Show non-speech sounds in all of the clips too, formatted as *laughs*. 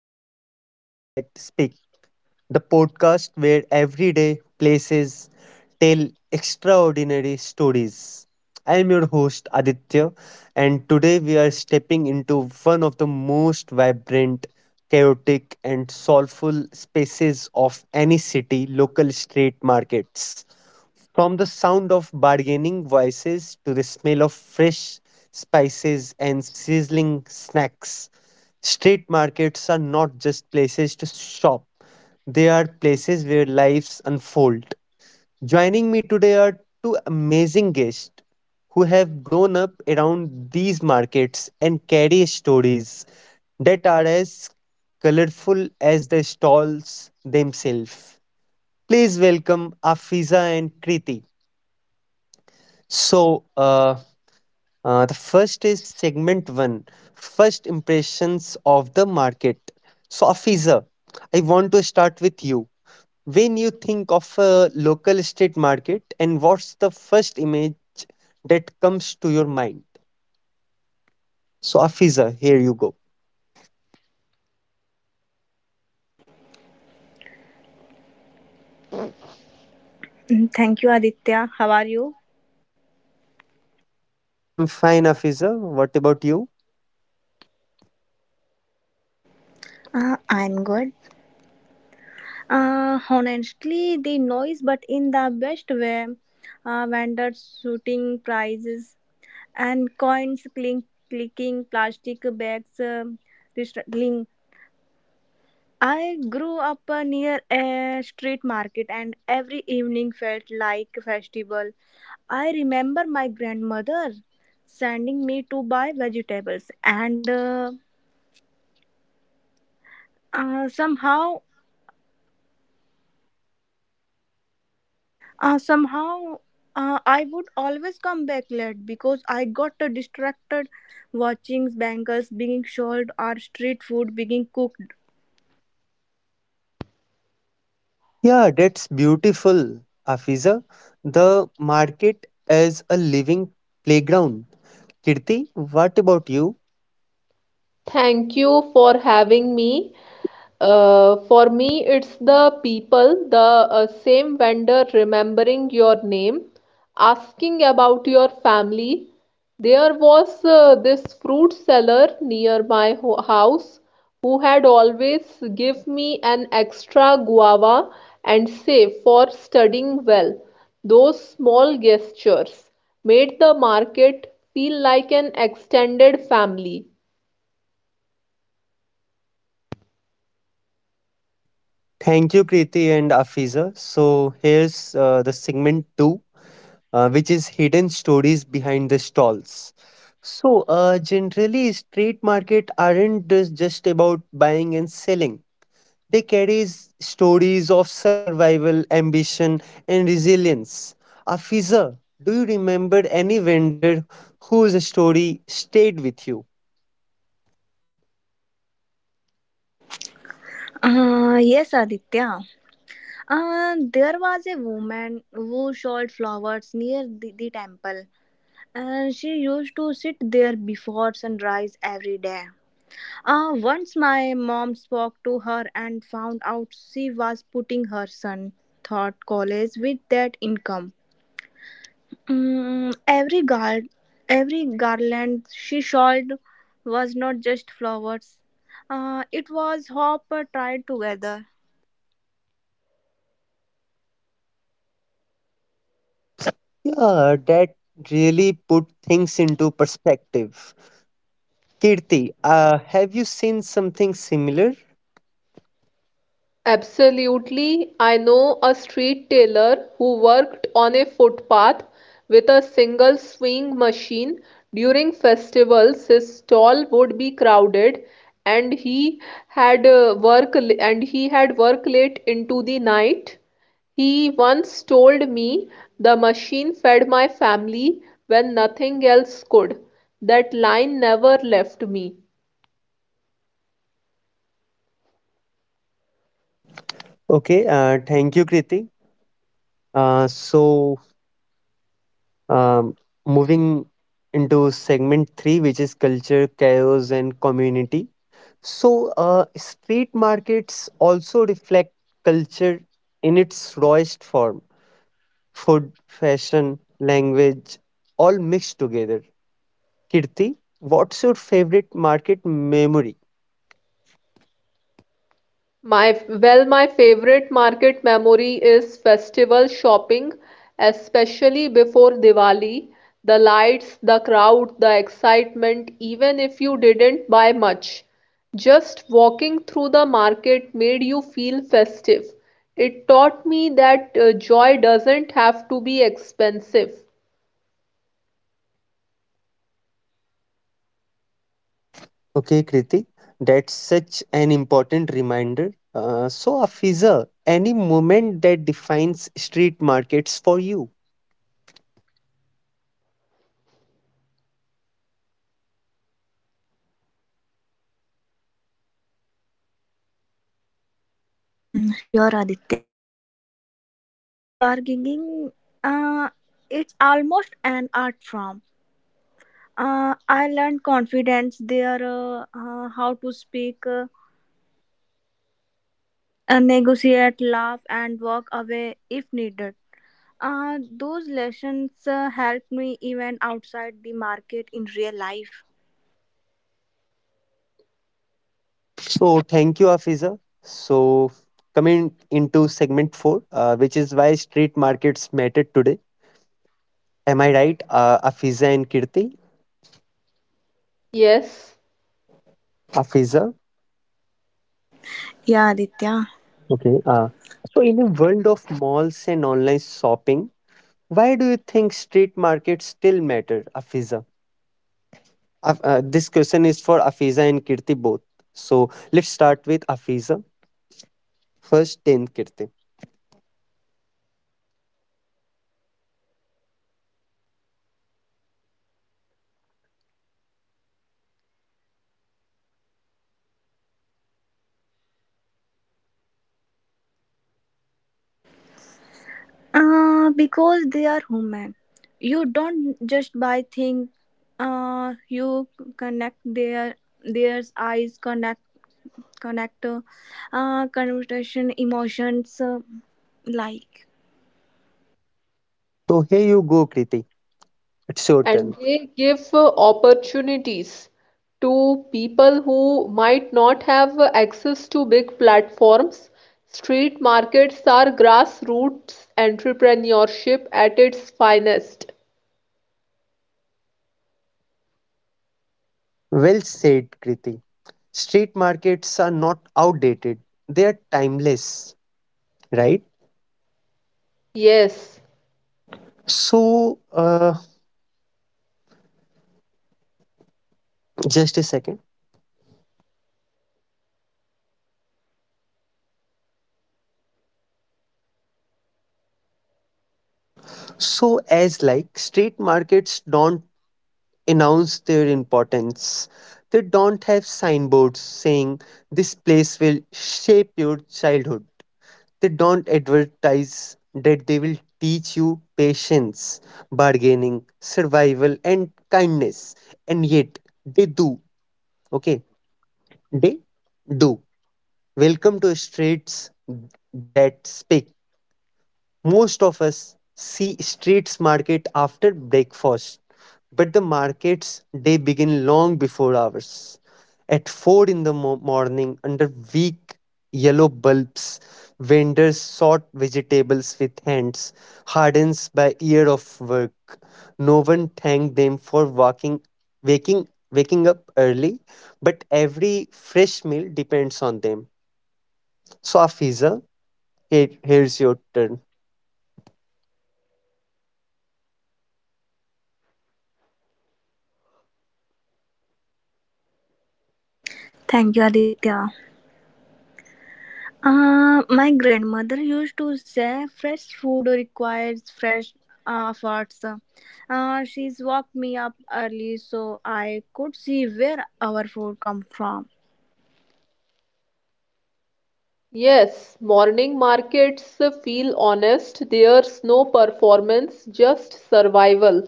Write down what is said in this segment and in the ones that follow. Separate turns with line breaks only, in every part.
to Street That Speak, the podcast where everyday places tell extraordinary stories. I am your host Aditya, and today we are stepping into one of the most vibrant, chaotic, and soulful spaces of any city local street markets. From the sound of bargaining voices to the smell of fresh spices and sizzling snacks, street markets are not just places to shop, they are places where lives unfold. Joining me today are two amazing guests who have grown up around these markets and carry stories that are as colorful as the stalls themselves. Please welcome Afiza and Kriti. So, the first is segment one, first impressions of the market. So, Afiza, I want to start with you. When you think of a local street market, and what's the first image that comes to your mind? So, Afiza, here you go.
Thank you, Aditya. How are you?
Yeah, I'm fine, Afiza. What about you?
I'm good. Honestly, the noise, but in the best way. Vendors shooting prizes and coins clink, clicking, plastic bags rattling. I grew up near a street market, and every evening felt like a festival. I remember my grandmother sending me to buy vegetables, and somehow somehow, I would always come back late because I got distracted watching bangles being sold or street food being cooked.
Yeah, that's beautiful, Afiza. The market as a living playground. Kirti, what about you?
Thank you for having me. For me, it's the people, the same vendor remembering your name, asking about your family. There was this fruit seller near my house who had always give me an extra guava and say for studying well. Those small gestures made the market feel like an extended family.
Thank you, Kriti and Afiza. So, here's the segment two, which is hidden stories behind the stalls. So, generally, street market aren't just about buying and selling. They carry stories of survival, ambition, and resilience. Afiza, do you remember any vendor whose story stayed with you?
Yes, Aditya. There was a woman who sold flowers near the temple, and she used to sit there before sunrise every day. Once my mom spoke to her and found out she was putting her son thought college with that income. Every guard, every garland she shawled was not just flowers. It was hope tied together.
Yeah, that really put things into perspective. Kirti, have you seen something similar?
Absolutely. I know a street tailor who worked on a footpath with a single sewing machine. During festivals, his stall would be crowded and he had work late into the night. He once told me the machine fed my family when nothing else could. That line never left me.
Okay, thank you, Kriti. Uh, so Um, moving into segment three, which is culture, chaos, and community. So, street markets also reflect culture in its rawest form, food, fashion, language, all mixed together. Kirti, what's your favorite market memory?
My favorite market memory is festival shopping, especially before Diwali. The lights, the crowd, the excitement, even if you didn't buy much. Just walking through the market made you feel festive. It taught me that joy doesn't have to be expensive.
Okay, Kriti, that's such an important reminder. So, Afiza, any moment that defines street markets for you?
Sure, Aditya. Bargaining, uh, it's almost an art form. I learned confidence there, how to speak, negotiate, laugh, and walk away if needed. Those lessons helped me even outside the market in real life.
So thank you, Afiza. So coming into segment four, which is why street markets matter today. Am I right, Afiza and Kirti?
Yes.
Afiza.
Yeah, Aditya.
Okay.
Okay.
So in a world of malls and online shopping, why do you think street markets still matter, Afiza? This question is for Afiza and Kirti both. So let's start with Afiza first, then Kirti.
Because they are human. You don't just buy thing. You connect their eyes connect connect conversation emotions like.
So here you go, Kirti. It's your
And
turn.
they give opportunities to people who might not have access to big platforms. Street markets are grassroots entrepreneurship at its finest.
Well said, Kriti. Street markets are not outdated, they are timeless, right?
Yes,
So, just a second. So, as like street markets don't announce their importance, they don't have signboards saying this place will shape your childhood. They don't advertise that they will teach you patience, bargaining, survival, and kindness. And yet, they do. Okay, they do. Welcome to Streets That Speak. Most of us see streets market after breakfast, but the markets they begin long before ours. At 4 in the morning, under weak yellow bulbs, vendors sort vegetables with hands, hardened by year of work. No one thanked them for walking, waking, waking up early, but every fresh meal depends on them. So, Afiza, here's your turn.
Thank you, Aditya. My grandmother used to say fresh food requires fresh efforts. She's woke me up early so I could see where our food come from.
yes, morning markets feel honest. There's no performance, just survival.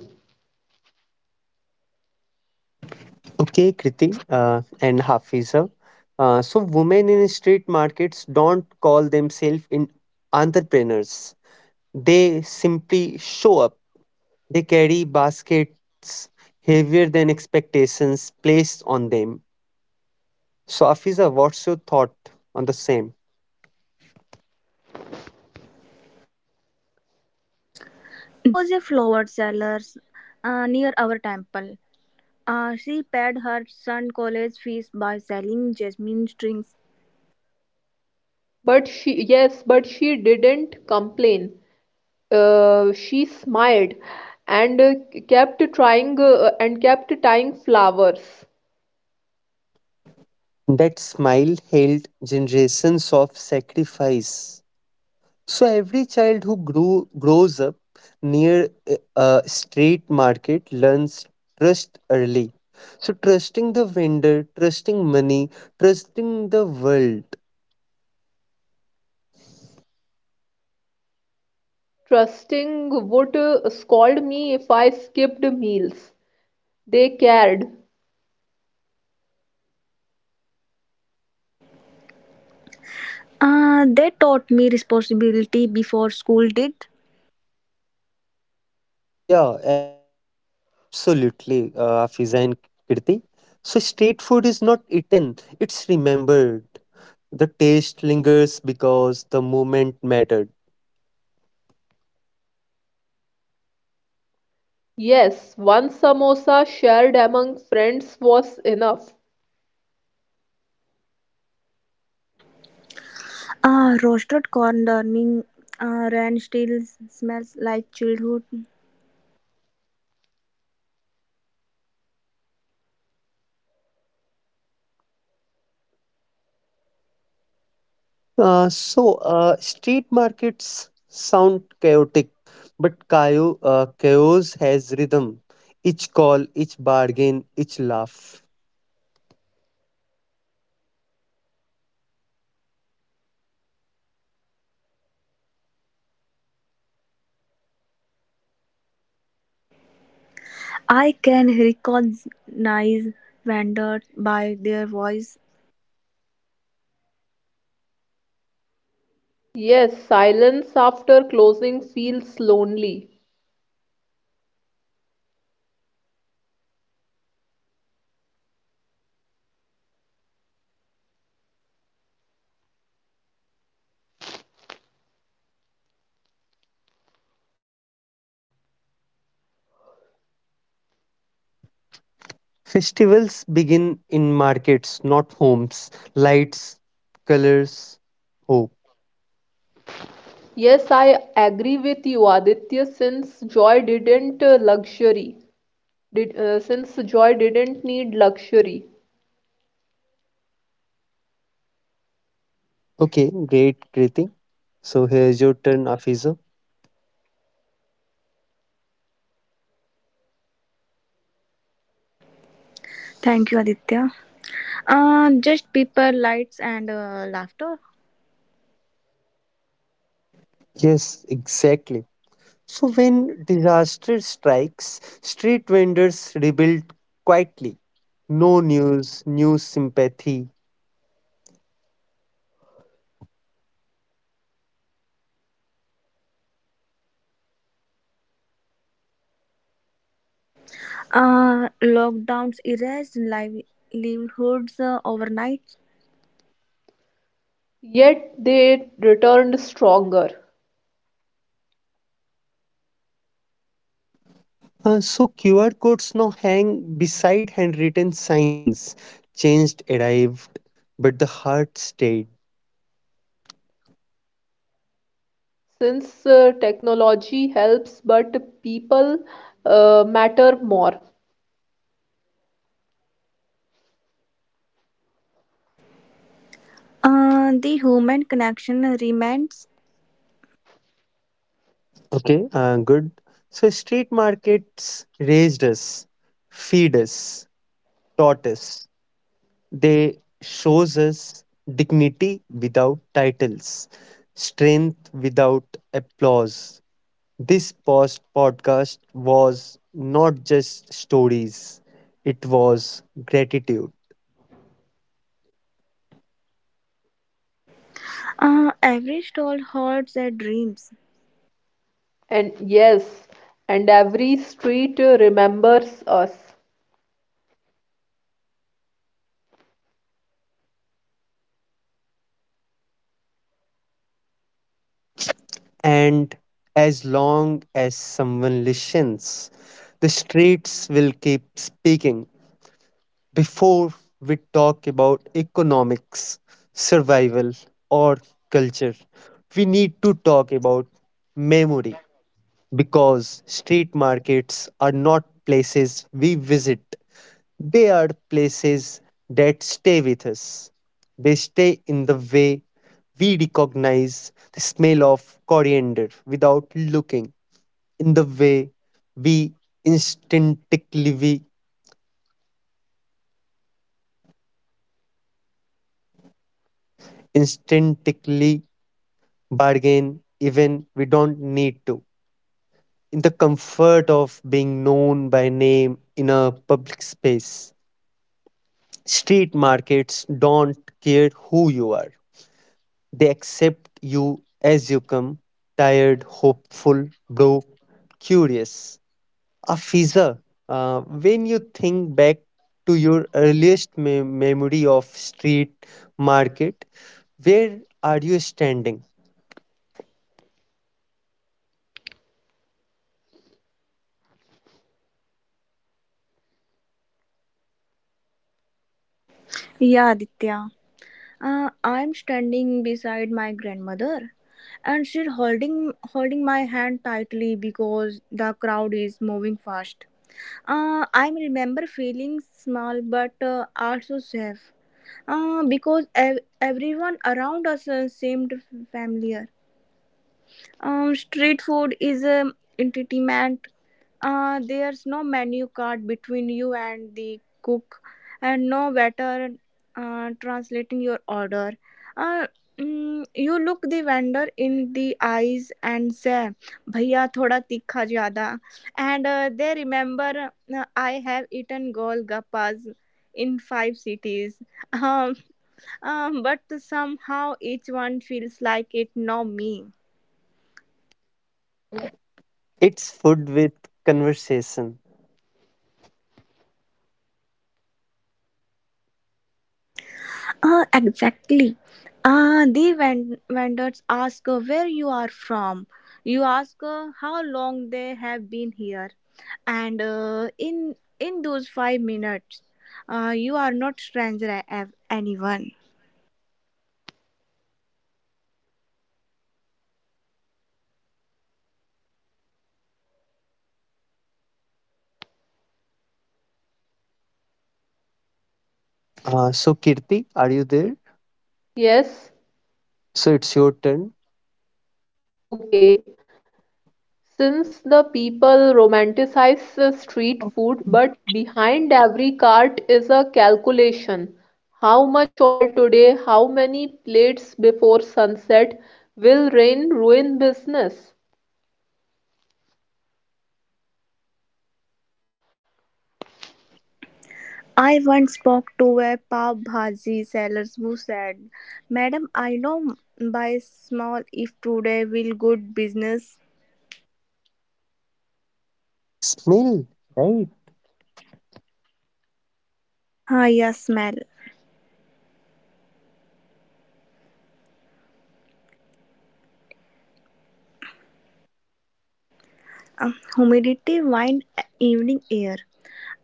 Okay, Kriti and Hafiza. So, women in street markets don't call themselves in entrepreneurs. They simply show up. They carry baskets heavier than expectations placed on them. So, Hafiza, what's your thought on the same?
There was a flower seller near our temple. She paid her son college fees by selling jasmine strings.
But she didn't complain. She smiled and kept trying and kept tying flowers,
That smile held generations of sacrifice. So every child who grew grows up near a a street market learns trust early. So trusting the vendor, trusting money, trusting the world.
trusting would scold me if I skipped meals. They cared.
They taught me responsibility before school did.
Yeah, absolutely, Fiza and Kirti. So street food is not eaten; it's remembered. The taste lingers because the moment mattered.
Yes, one samosa shared among friends was enough.
Roasted corn during rain still smells like childhood.
So, street markets sound chaotic, but chaos has rhythm. Each call, each bargain, each laugh.
I can recognize vendors by their voice.
Yes, silence after closing feels lonely.
Festivals begin in markets, not homes. Lights, colors, hope.
Yes, I agree with you, Aditya, since joy didn't need luxury.
Okay, great, Kriti. So, here's your turn, Afiza.
Thank you, Aditya. Just people, lights, and laughter.
Yes, exactly. So, when disaster strikes, street vendors rebuild quietly. No news, new sympathy.
Lockdowns erased livelihoods overnight.
Yet they returned stronger,
So QR codes now hang beside handwritten signs. Changed arrived, but the heart stayed.
since technology helps, but people matter more.
The human connection remains.
Okay, good. So street markets raised us, feed us, taught us. They shows us dignity without titles, strength without applause. This post podcast was not just stories; it was gratitude.
Every stall holds their dreams.
And yes, and every street remembers us.
And as long as someone listens, the streets will keep speaking. Before we talk about economics, survival, or culture, we need to talk about memory, because street markets are not places we visit, they are places that stay with us. They stay in the way we recognize the smell of coriander without looking, in the way we we instinctively bargain even we don't need to, in the comfort of being known by name in a public space. Street markets don't care who you are. They accept you as you come, tired, hopeful, broke, curious. Afiza, when you think back to your earliest memory of street market, where are you standing?
Yeah, Aditya. I'm standing beside my grandmother, and she's holding my hand tightly because the crowd is moving fast. I remember feeling small but also safe because everyone around us seemed familiar. Street food is entertainment. There's no menu card between you and the cook, and no waiter translating your order. Uh, you look the vendor in the eyes and say, "Bhaiya, thoda tikha jada," and they remember. I have eaten golgappas in five cities. *laughs* Um, but somehow each one feels like it know me.
It's food with conversation.
Ah, exactly. Ah, the vendors ask where you are from. You ask how long they have been here, and in those 5 minutes, you are not stranger anyone.
So, Kirti, are you there?
Yes,
So, it's your turn.
okay. Since the people romanticize street food, but behind every cart is a calculation. How much oil today, how many plates before sunset, will rain ruin business?
I once spoke to a pav bhaji seller who said, "Madam, I know by small if today will good business.
Smell, right?
Ah, yes, smell. Ah, humidity, wind, evening air."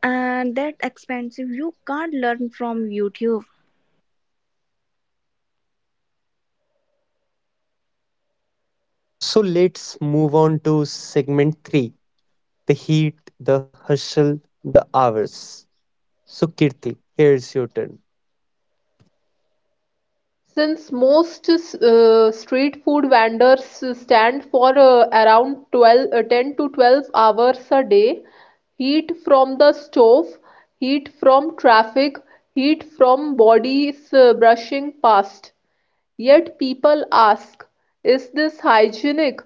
And that expensive you can't learn from youtube.
So, let's move on to segment three, the heat, the hustle, the hours. So, Kirti, here's your turn.
Since most street food vendors stand for around 10 to 12 hours a day, heat from the stove, heat from traffic, heat from bodies brushing past. Yet people ask, is this hygienic?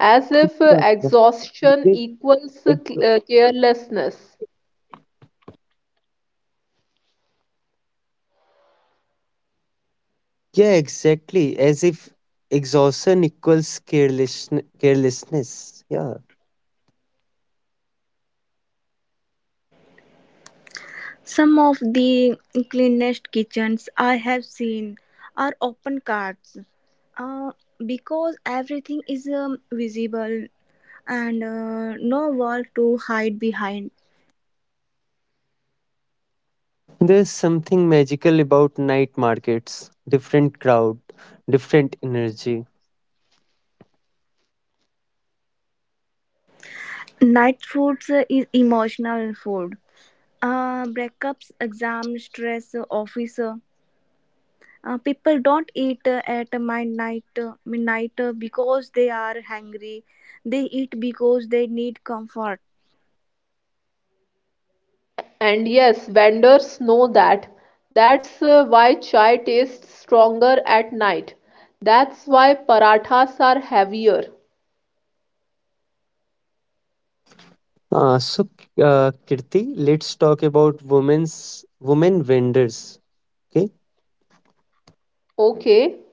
As if
Yeah,
exhaustion
definitely.
equals
Ex-
carelessness.
Yeah, exactly. As if exhaustion equals carelessness. Yeah.
Some of the cleanest kitchens I have seen are open cards uh, because everything is visible and no wall to hide behind.
There's something magical about night markets, different crowd, different energy.
Night foods is emotional food, breakups exam stress office people don't eat at midnight because they are hungry. They eat because they need comfort.
And yes, vendors know that. That's why chai tastes stronger at night. That's why parathas are heavier.
So, Kirti, let's talk about women vendors. Okay.
Okay,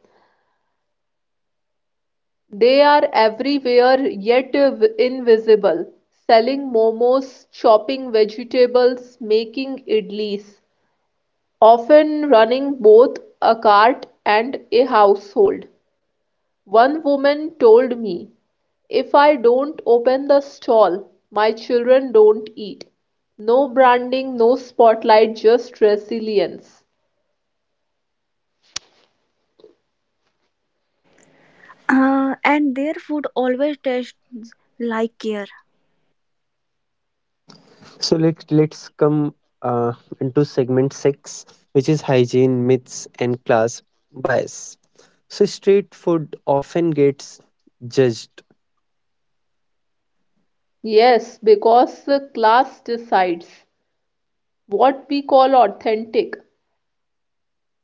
they are everywhere yet invisible. Selling momos, chopping vegetables, making idlis, often running both a cart and a household. One woman told me, if I don't open the stall, my children don't eat. No branding, no spotlight, just resilience.
And their food always tastes like care.
So let's come uh, into segment six, which is hygiene myths and class bias. So street food often gets judged.
Yes, because the class decides what we call authentic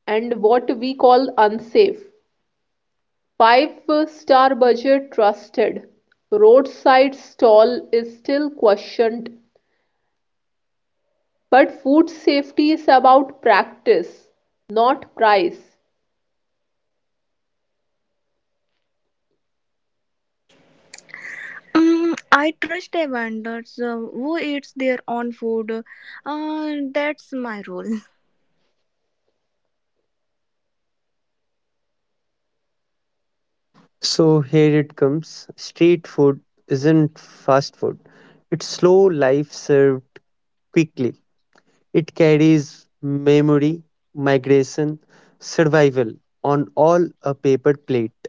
and what we call unsafe. Five-star budget trusted. Roadside stall is still questioned, but food safety is about practice, not price.
I trust a vendor who eats their own food. That's my rule.
So here it comes. Street food isn't fast food. It's slow life served quickly. It carries memory, migration, survival on all a paper plate.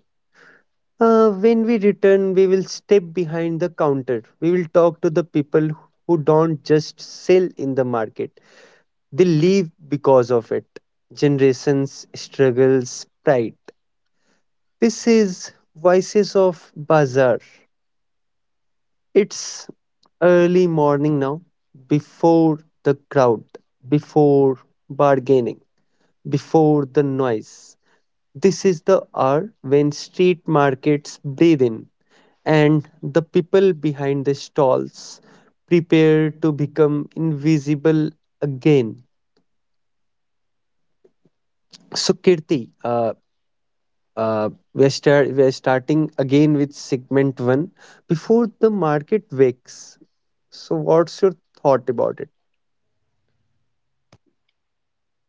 When we return, we will step behind the counter. We will talk to the people who don't just sell in the market, they live because of it. Generations, struggles, pride. This is Voices of Bazaar. It's early morning now, before the crowd, before bargaining, before the noise. This is the hour when street markets breathe in, and the people behind the stalls prepare to become invisible again. So, Kirti, we're starting again with segment one, before the market wakes. So, what's your thought about it?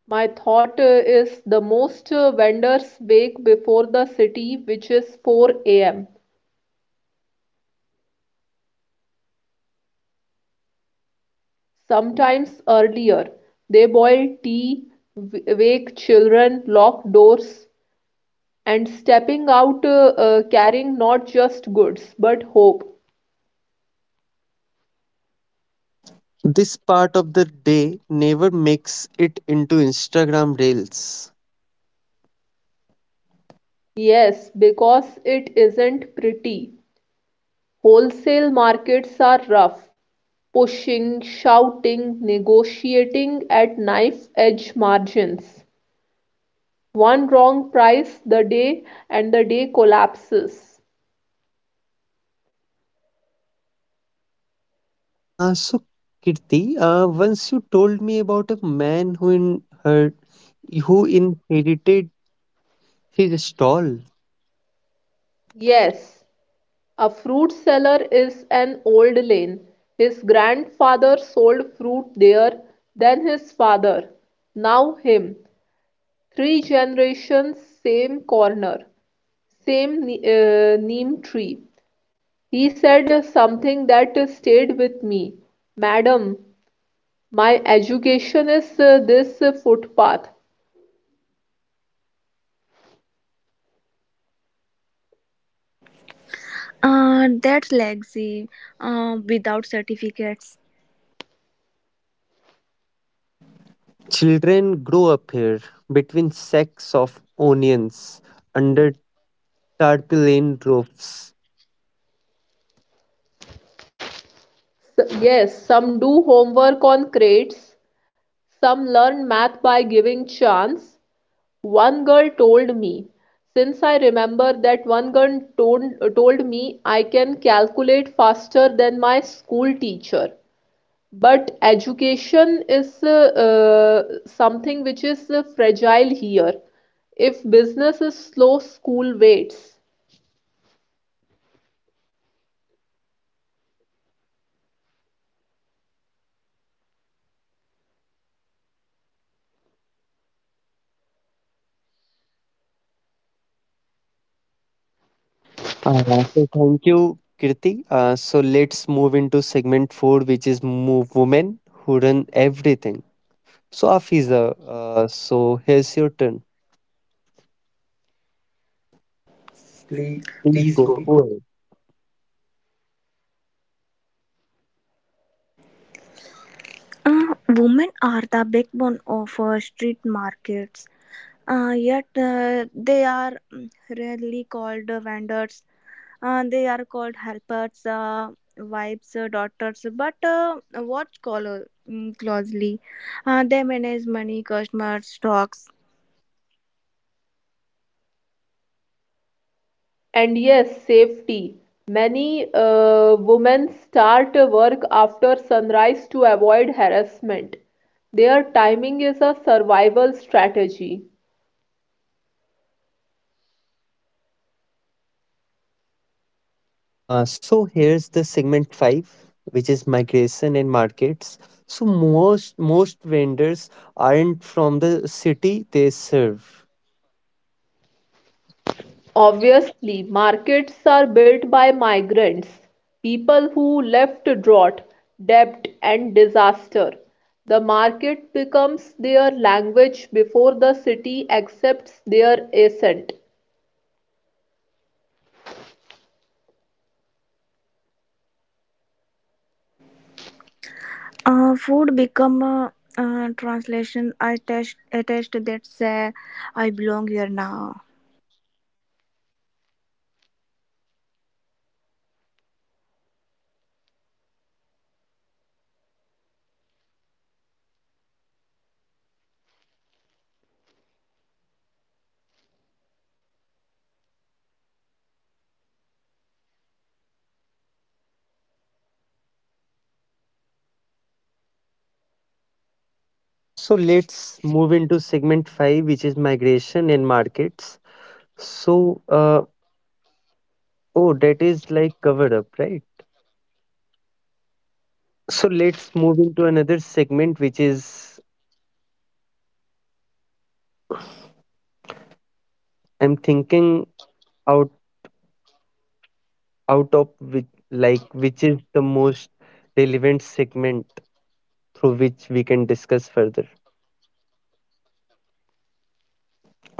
My thought is the most vendors wake before the city, which is 4 a.m., sometimes earlier. They boil tea, wake children, lock doors, and stepping out carrying not just goods but hope.
This part of the day never makes it into Instagram reels.
Yes, because it isn't pretty. Wholesale markets are rough, pushing, shouting, negotiating at knife edge margins. One wrong price the day and the day collapses.
So, Kirti, once you told me about a man who inherited his stall.
Yes, a fruit seller is an old lane. His grandfather sold fruit there, then his father, now him. Three generations, same corner, same neem tree. He said something that stayed with me. Madam, my education is this footpath.
That's legacy without certificates.
Children grow up here between sacks of onions under tarpaulin roofs.
Yes, some do homework on crates, some learn math by giving chance, one girl told me. Since I remember that one girl told me I can calculate faster than my school teacher. But education is something which is fragile here. If business is slow, school waits.
So thank you, Kirti. So let's move into segment four, which is women who run everything. So Afiza, so here's your turn.
Please,
Please
please go.
go ahead.
Women are the backbone of street markets. Yet they are rarely called vendors. They are called helpers, wives, daughters. But watch closely. They manage money, customers, stocks.
And yes, safety. Many women start work after sunrise to avoid harassment. Their timing is a survival strategy.
So here's the segment five, which is migration and markets. So most vendors aren't from the city they serve.
Obviously, markets are built by migrants, people who left drought, debt, and disaster. The market becomes their language before the city accepts their ascent.
Food become a translation. I test attest that say I belong here now.
So let's move into segment five, which is migration and markets. So, oh, that is like covered up, right? So let's move into another segment, which is, I'm thinking out out of which like which is the most relevant segment through which we can discuss further.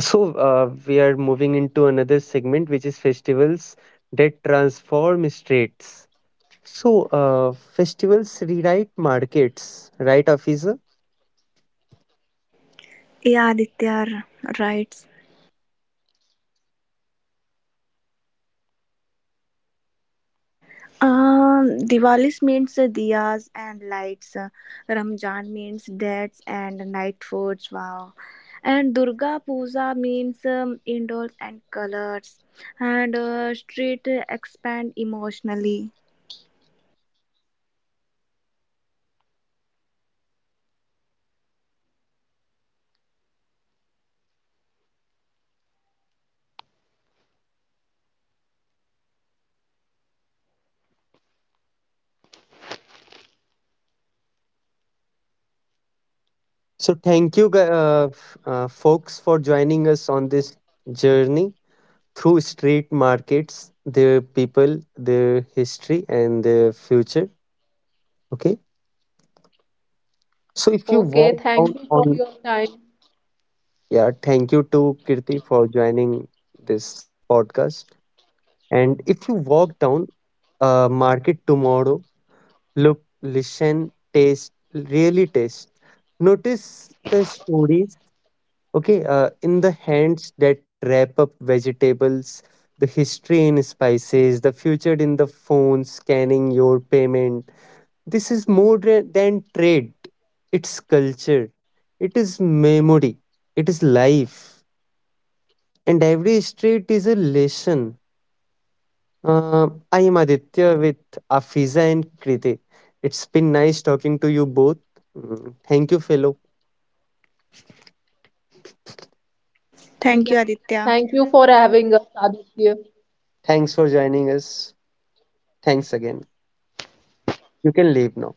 So we are moving into another segment, which is festivals that transform states. So, festivals rewrite markets, right, Afisa?
Yeah, Aditya writes. Diwali's means diyas and lights. Ramjan means dates and night foods. Wow. And Durga Puja means indoors and colors. And street expand emotionally.
So, thank you, folks, for joining us on this journey through street markets, their people, their history, and their future. Okay. So, if you
Okay,
walk
thank
out
you for
on,
your time.
yeah, thank you to Kirti for joining this podcast. And if you walk down a market tomorrow, look, listen, taste, really taste, notice the story. Okay, in the hands that wrap up vegetables, the history in spices, the future in the phone scanning your payment. This is more than trade, it's culture, it is memory, it is life, and every street is a lesson. I am Aditya with Afiza and Kriti. It's been nice talking to you both. Mm, thank you, fellow.
Thank
Thank you,
you for
Aditya.
having us, Aditya.
Thanks for joining us. Thanks again. You can leave now.